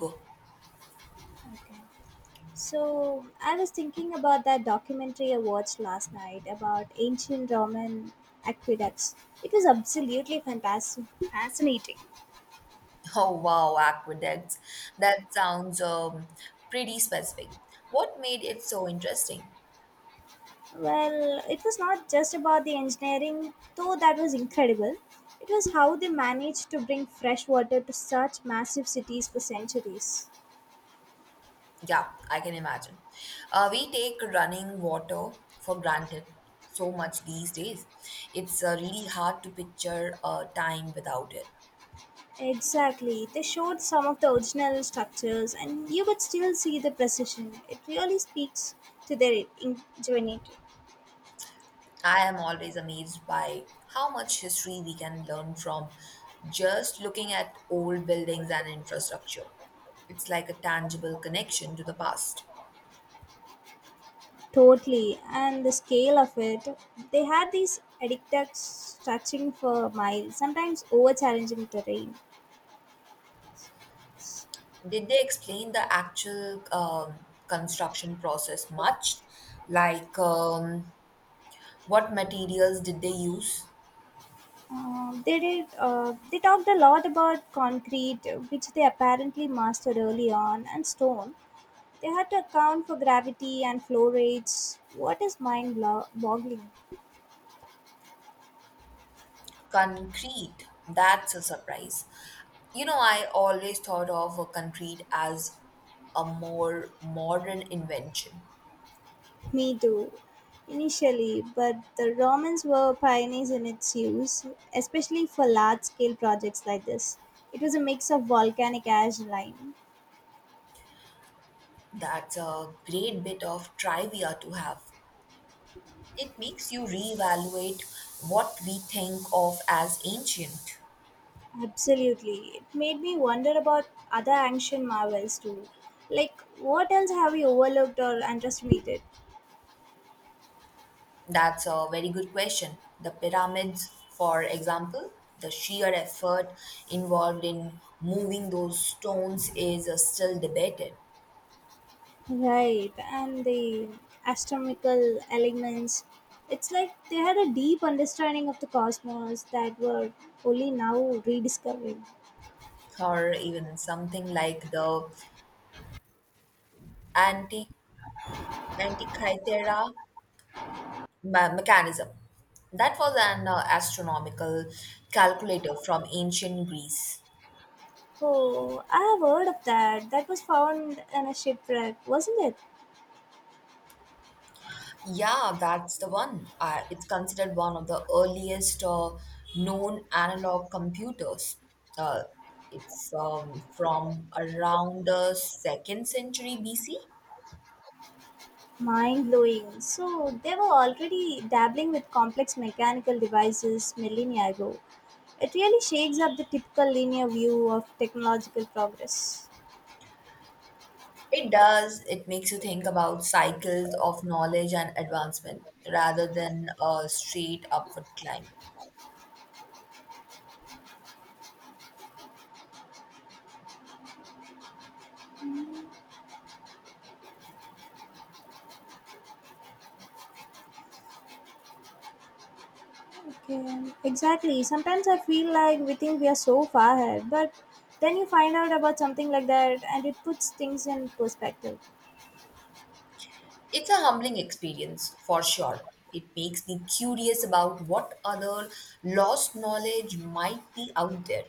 So I was thinking about that documentary I watched last night about ancient Roman aqueducts. It was absolutely fantastic, fascinating. Oh wow, aqueducts. That sounds pretty specific. What made it so interesting? Well, it was not just about the engineering, though that was incredible. It was how they managed to bring fresh water to such massive cities for centuries. Yeah, I can imagine. We take running water for granted so much these days. It's really hard to picture a time without it. Exactly. They showed some of the original structures, and you could still see the precision. It really speaks to their ingenuity. I am always amazed by how much history we can learn from just looking at old buildings and infrastructure. It's like a tangible connection to the past. Totally, and the scale of it. They had these addicts stretching for miles, sometimes over challenging terrain. Did they explain the actual construction process much? Like, what materials did they use? They did. They talked a lot about concrete, which they apparently mastered early on, and stone. They had to account for gravity and flow rates. What is mind-boggling? Concrete. That's a surprise. You know, I always thought of a concrete as a more modern invention. Me too. Initially, but the Romans were pioneers in its use, especially for large scale projects like this. It was a mix of volcanic ash and lime. That's a great bit of trivia to have. It makes you reevaluate what we think of as ancient. Absolutely. It made me wonder about other ancient marvels too. Like, what else have we overlooked or underestimated? That's a very good question. The pyramids, for example, the sheer effort involved in moving those stones is still debated, Right, and the astronomical elements. It's like they had a deep understanding of the cosmos that were only now rediscovering. or even something like the anti Antikythera mechanism. That was an astronomical calculator from ancient Greece. Oh, I have heard of that. That was found in a shipwreck, wasn't it? Yeah, that's the one. It's considered one of the earliest known analog computers. Uh, it's from around the second century BC. Mind blowing. So they were already dabbling with complex mechanical devices millennia ago. It really shakes up the typical linear view of technological progress. It does, it makes you think about cycles of knowledge and advancement rather than a straight upward climb. Okay, exactly. Sometimes I feel like we think we are so far ahead, but then you find out about something like that and it puts things in perspective. It's a humbling experience for sure. It makes me curious about what other lost knowledge might be out there.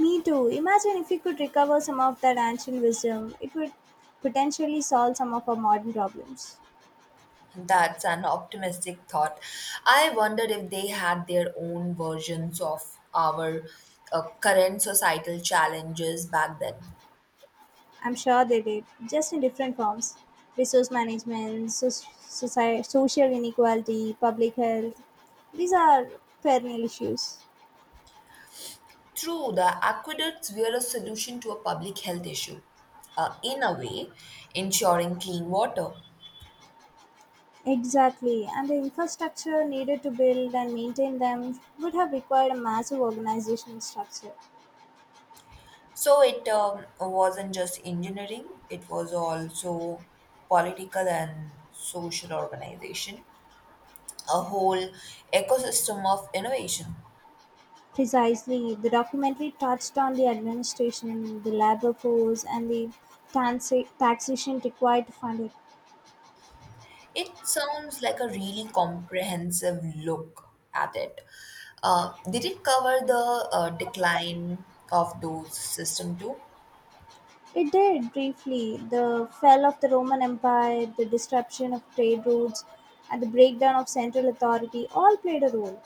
Me too. Imagine if we could recover some of that ancient wisdom, it would potentially solve some of our modern problems. That's an optimistic thought. I wonder if they had their own versions of our current societal challenges back then. I'm sure they did, just in different forms resource management, soci social inequality, public health. These are perennial issues. True, the aqueducts were a solution to a public health issue, in a way, ensuring clean water. Exactly, and the infrastructure needed to build and maintain them would have required a massive organizational structure. So it wasn't just engineering, it was also political and social organization, a whole ecosystem of innovation. Precisely, the documentary touched on the administration, the labor force, and the taxation required to fund it. It sounds like a really comprehensive look at it. Did it cover the decline of those system too? It did briefly the fall of the Roman Empire, the disruption of trade routes, and the breakdown of central authority all played a role.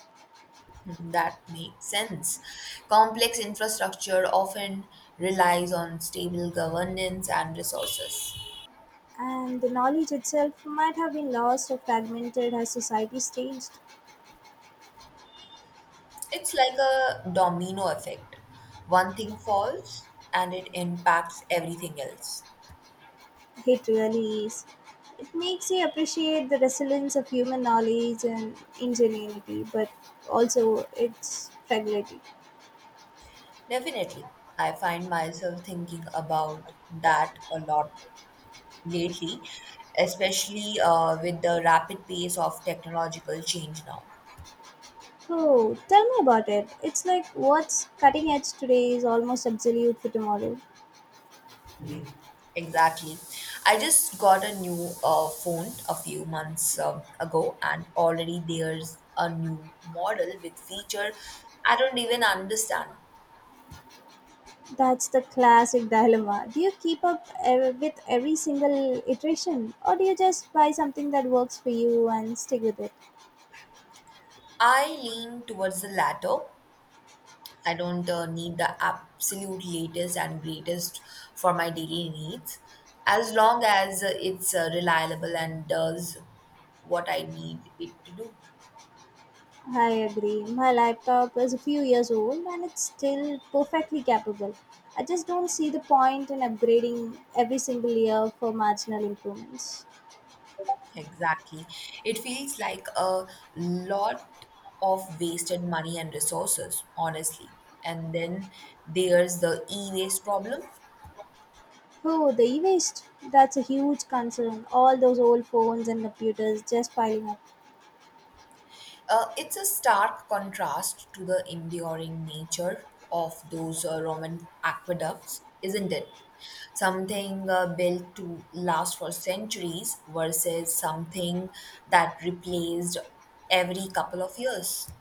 Hmm, that makes sense. Complex infrastructure often relies on stable governance and resources. And the knowledge itself might have been lost or fragmented as societies changed. It's like a domino effect. One thing falls and it impacts everything else. It really is. It makes you appreciate the resilience of human knowledge and ingenuity, but also its fragility. Definitely. I find myself thinking about that a lot lately, especially with the rapid pace of technological change now. Oh, tell me about it. It's like what's cutting edge today is almost obsolete for tomorrow. Exactly. I just got a new phone a few months ago, and already there's a new model with feature I don't even understand. That's the classic dilemma. Do you keep up with every single iteration, or do you just buy something that works for you and stick with it? I lean towards the latter. I don't need the absolute latest and greatest for my daily needs, as long as it's reliable and does what I need it to do. I agree. My laptop is a few years old and it's still perfectly capable. I just don't see the point in upgrading every single year for marginal improvements. Exactly. It feels like a lot of wasted money and resources, honestly. And then there's the e-waste problem. Oh, the e waste. That's a huge concern. All those old phones and computers just piling up. It's a stark contrast to the enduring nature of those Roman aqueducts, isn't it? Something built to last for centuries versus something that replaced every couple of years.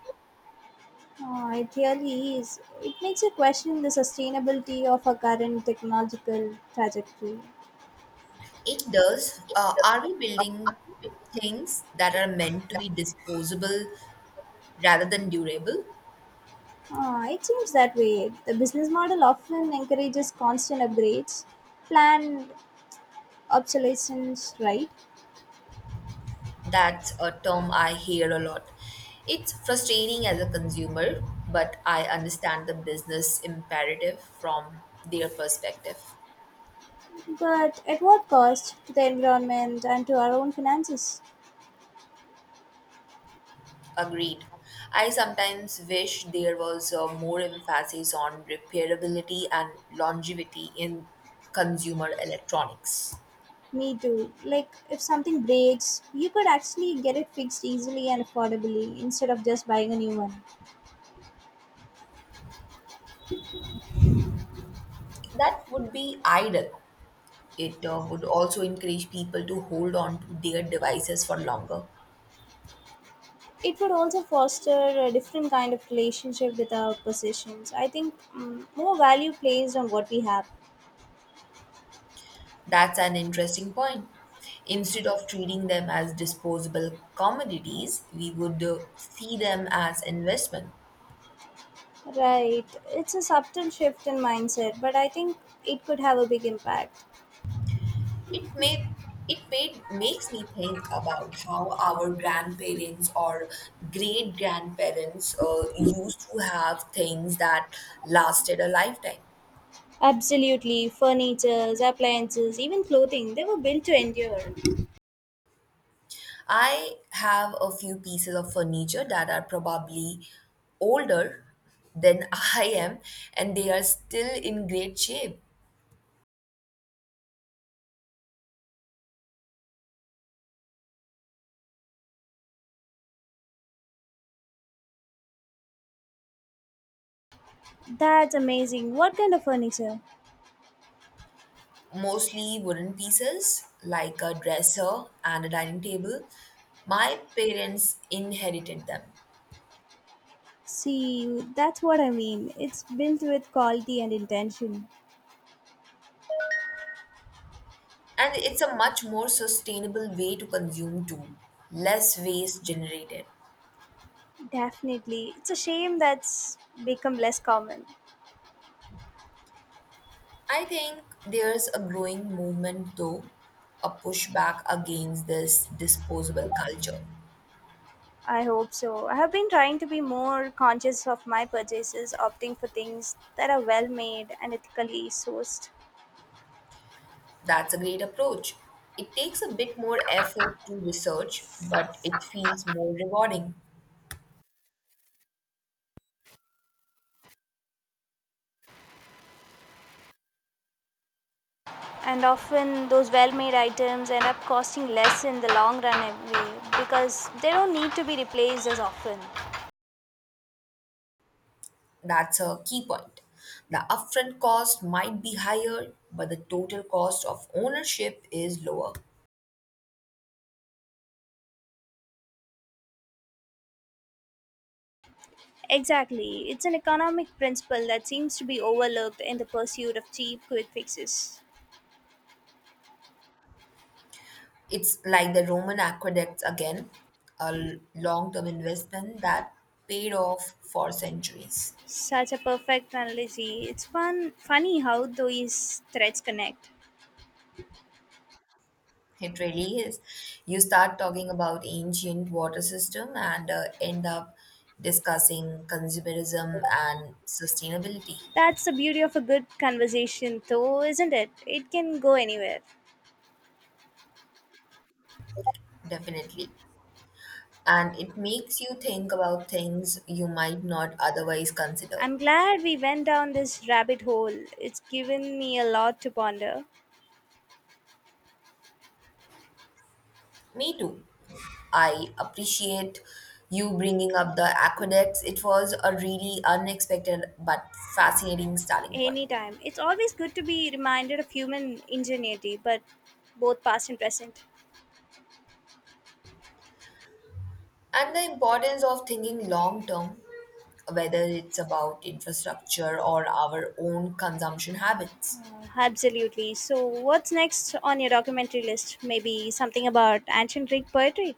Oh, it really is. It makes you question the sustainability of our current technological trajectory. It does. Are we building things that are meant to be disposable rather than durable? Ah, it seems that way. The business model often encourages constant upgrades, planned obsolescence, right? That's a term I hear a lot. It's frustrating as a consumer, but I understand the business imperative from their perspective. But at what cost to the environment and to our own finances? Agreed. I sometimes wish there was more emphasis on repairability and longevity in consumer electronics. Me too. Like, if something breaks, you could actually get it fixed easily and affordably instead of just buying a new one. That would be ideal. It would also encourage people to hold on to their devices for longer. It would also foster a different kind of relationship with our possessions. I think more value placed on what we have. That's an interesting point. Instead of treating them as disposable commodities, we would see them as investment. Right. It's a subtle shift in mindset, but I think it could have a big impact. It may it made makes me think about how our grandparents or great grandparents used to have things that lasted a lifetime. Absolutely. Furniture, appliances, even clothing, they were built to endure. I have a few pieces of furniture that are probably older than I am, and they are still in great shape. That's amazing. What kind of furniture? Mostly wooden pieces like a dresser and a dining table. My parents inherited them. See, that's what I mean. It's built with quality and intention. And it's a much more sustainable way to consume too, less waste generated. Definitely. It's a shame that's become less common. I think there's a growing movement though, a pushback against this disposable culture. I hope so. I have been trying to be more conscious of my purchases, opting for things that are well made and ethically sourced. That's a great approach. It takes a bit more effort to research, but it feels more rewarding. And often those well-made items end up costing less in the long run anyway because they don't need to be replaced as often. That's a key point. The upfront cost might be higher, but the total cost of ownership is lower. Exactly, it's an economic principle that seems to be overlooked in the pursuit of cheap, quick fixes. It's like the Roman aqueducts again, a long term investment that paid off for centuries. Such a perfect analogy. It's funny how these threads connect. It really is. You start talking about ancient water system and end up discussing consumerism and sustainability, That's the beauty of a good conversation, though, isn't it? It can go anywhere. definitely. And it makes you think about things you might not otherwise consider. I'm glad we went down this rabbit hole. It's given me a lot to ponder. Me too. I appreciate you bringing up the aqueducts. It was a really unexpected but fascinating starting point. Anytime. It's always good to be reminded of human ingenuity, but both past and present. And the importance of thinking long term, whether it's about infrastructure or our own consumption habits, Absolutely. So, what's next on your documentary list? Maybe something about ancient Greek poetry?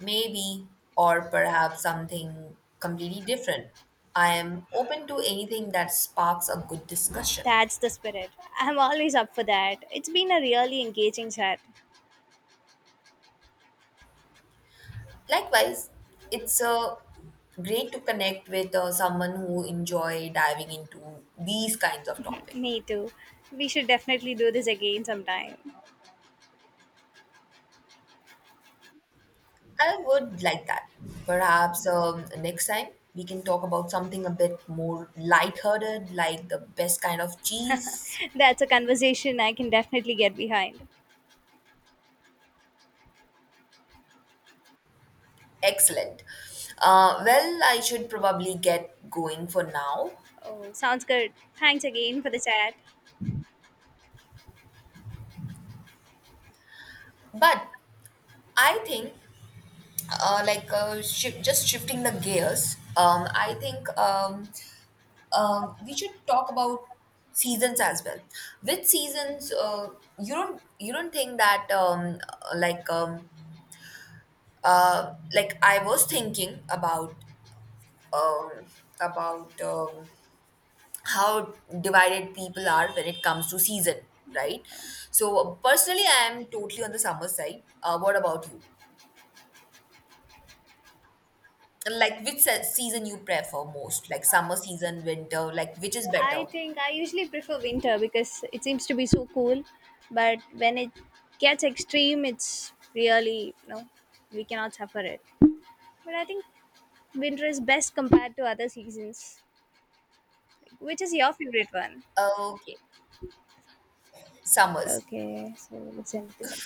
maybe, or perhaps something completely different. I am open to anything that sparks a good discussion. That's the spirit. I'm always up for that. It's been a really engaging chat. Likewise, it's great to connect with someone who enjoy diving into these kinds of topics. Me too. We should definitely do this again sometime. I would like that. Perhaps next time we can talk about something a bit more lighthearted, like the best kind of cheese. That's a conversation I can definitely get behind. Excellent. Well, I should probably get going for now, Oh, sounds good. Thanks again for the chat. but I think, like, shi just shifting the gears, I think we should talk about seasons as well. With seasons, you don't think that like um, like I was thinking about um, about um, how divided people are when it comes to season, right? So personally, I am totally on the summer side. What about you? Like which season you prefer most? Like summer season, winter? Like which is I better? think I usually prefer winter because it seems to be so cool, but when it gets extreme, it's really, we cannot suffer it. But I think winter is best compared to other seasons. Which is your favorite one? Uh, Okay, summers. Okay, so let's end this.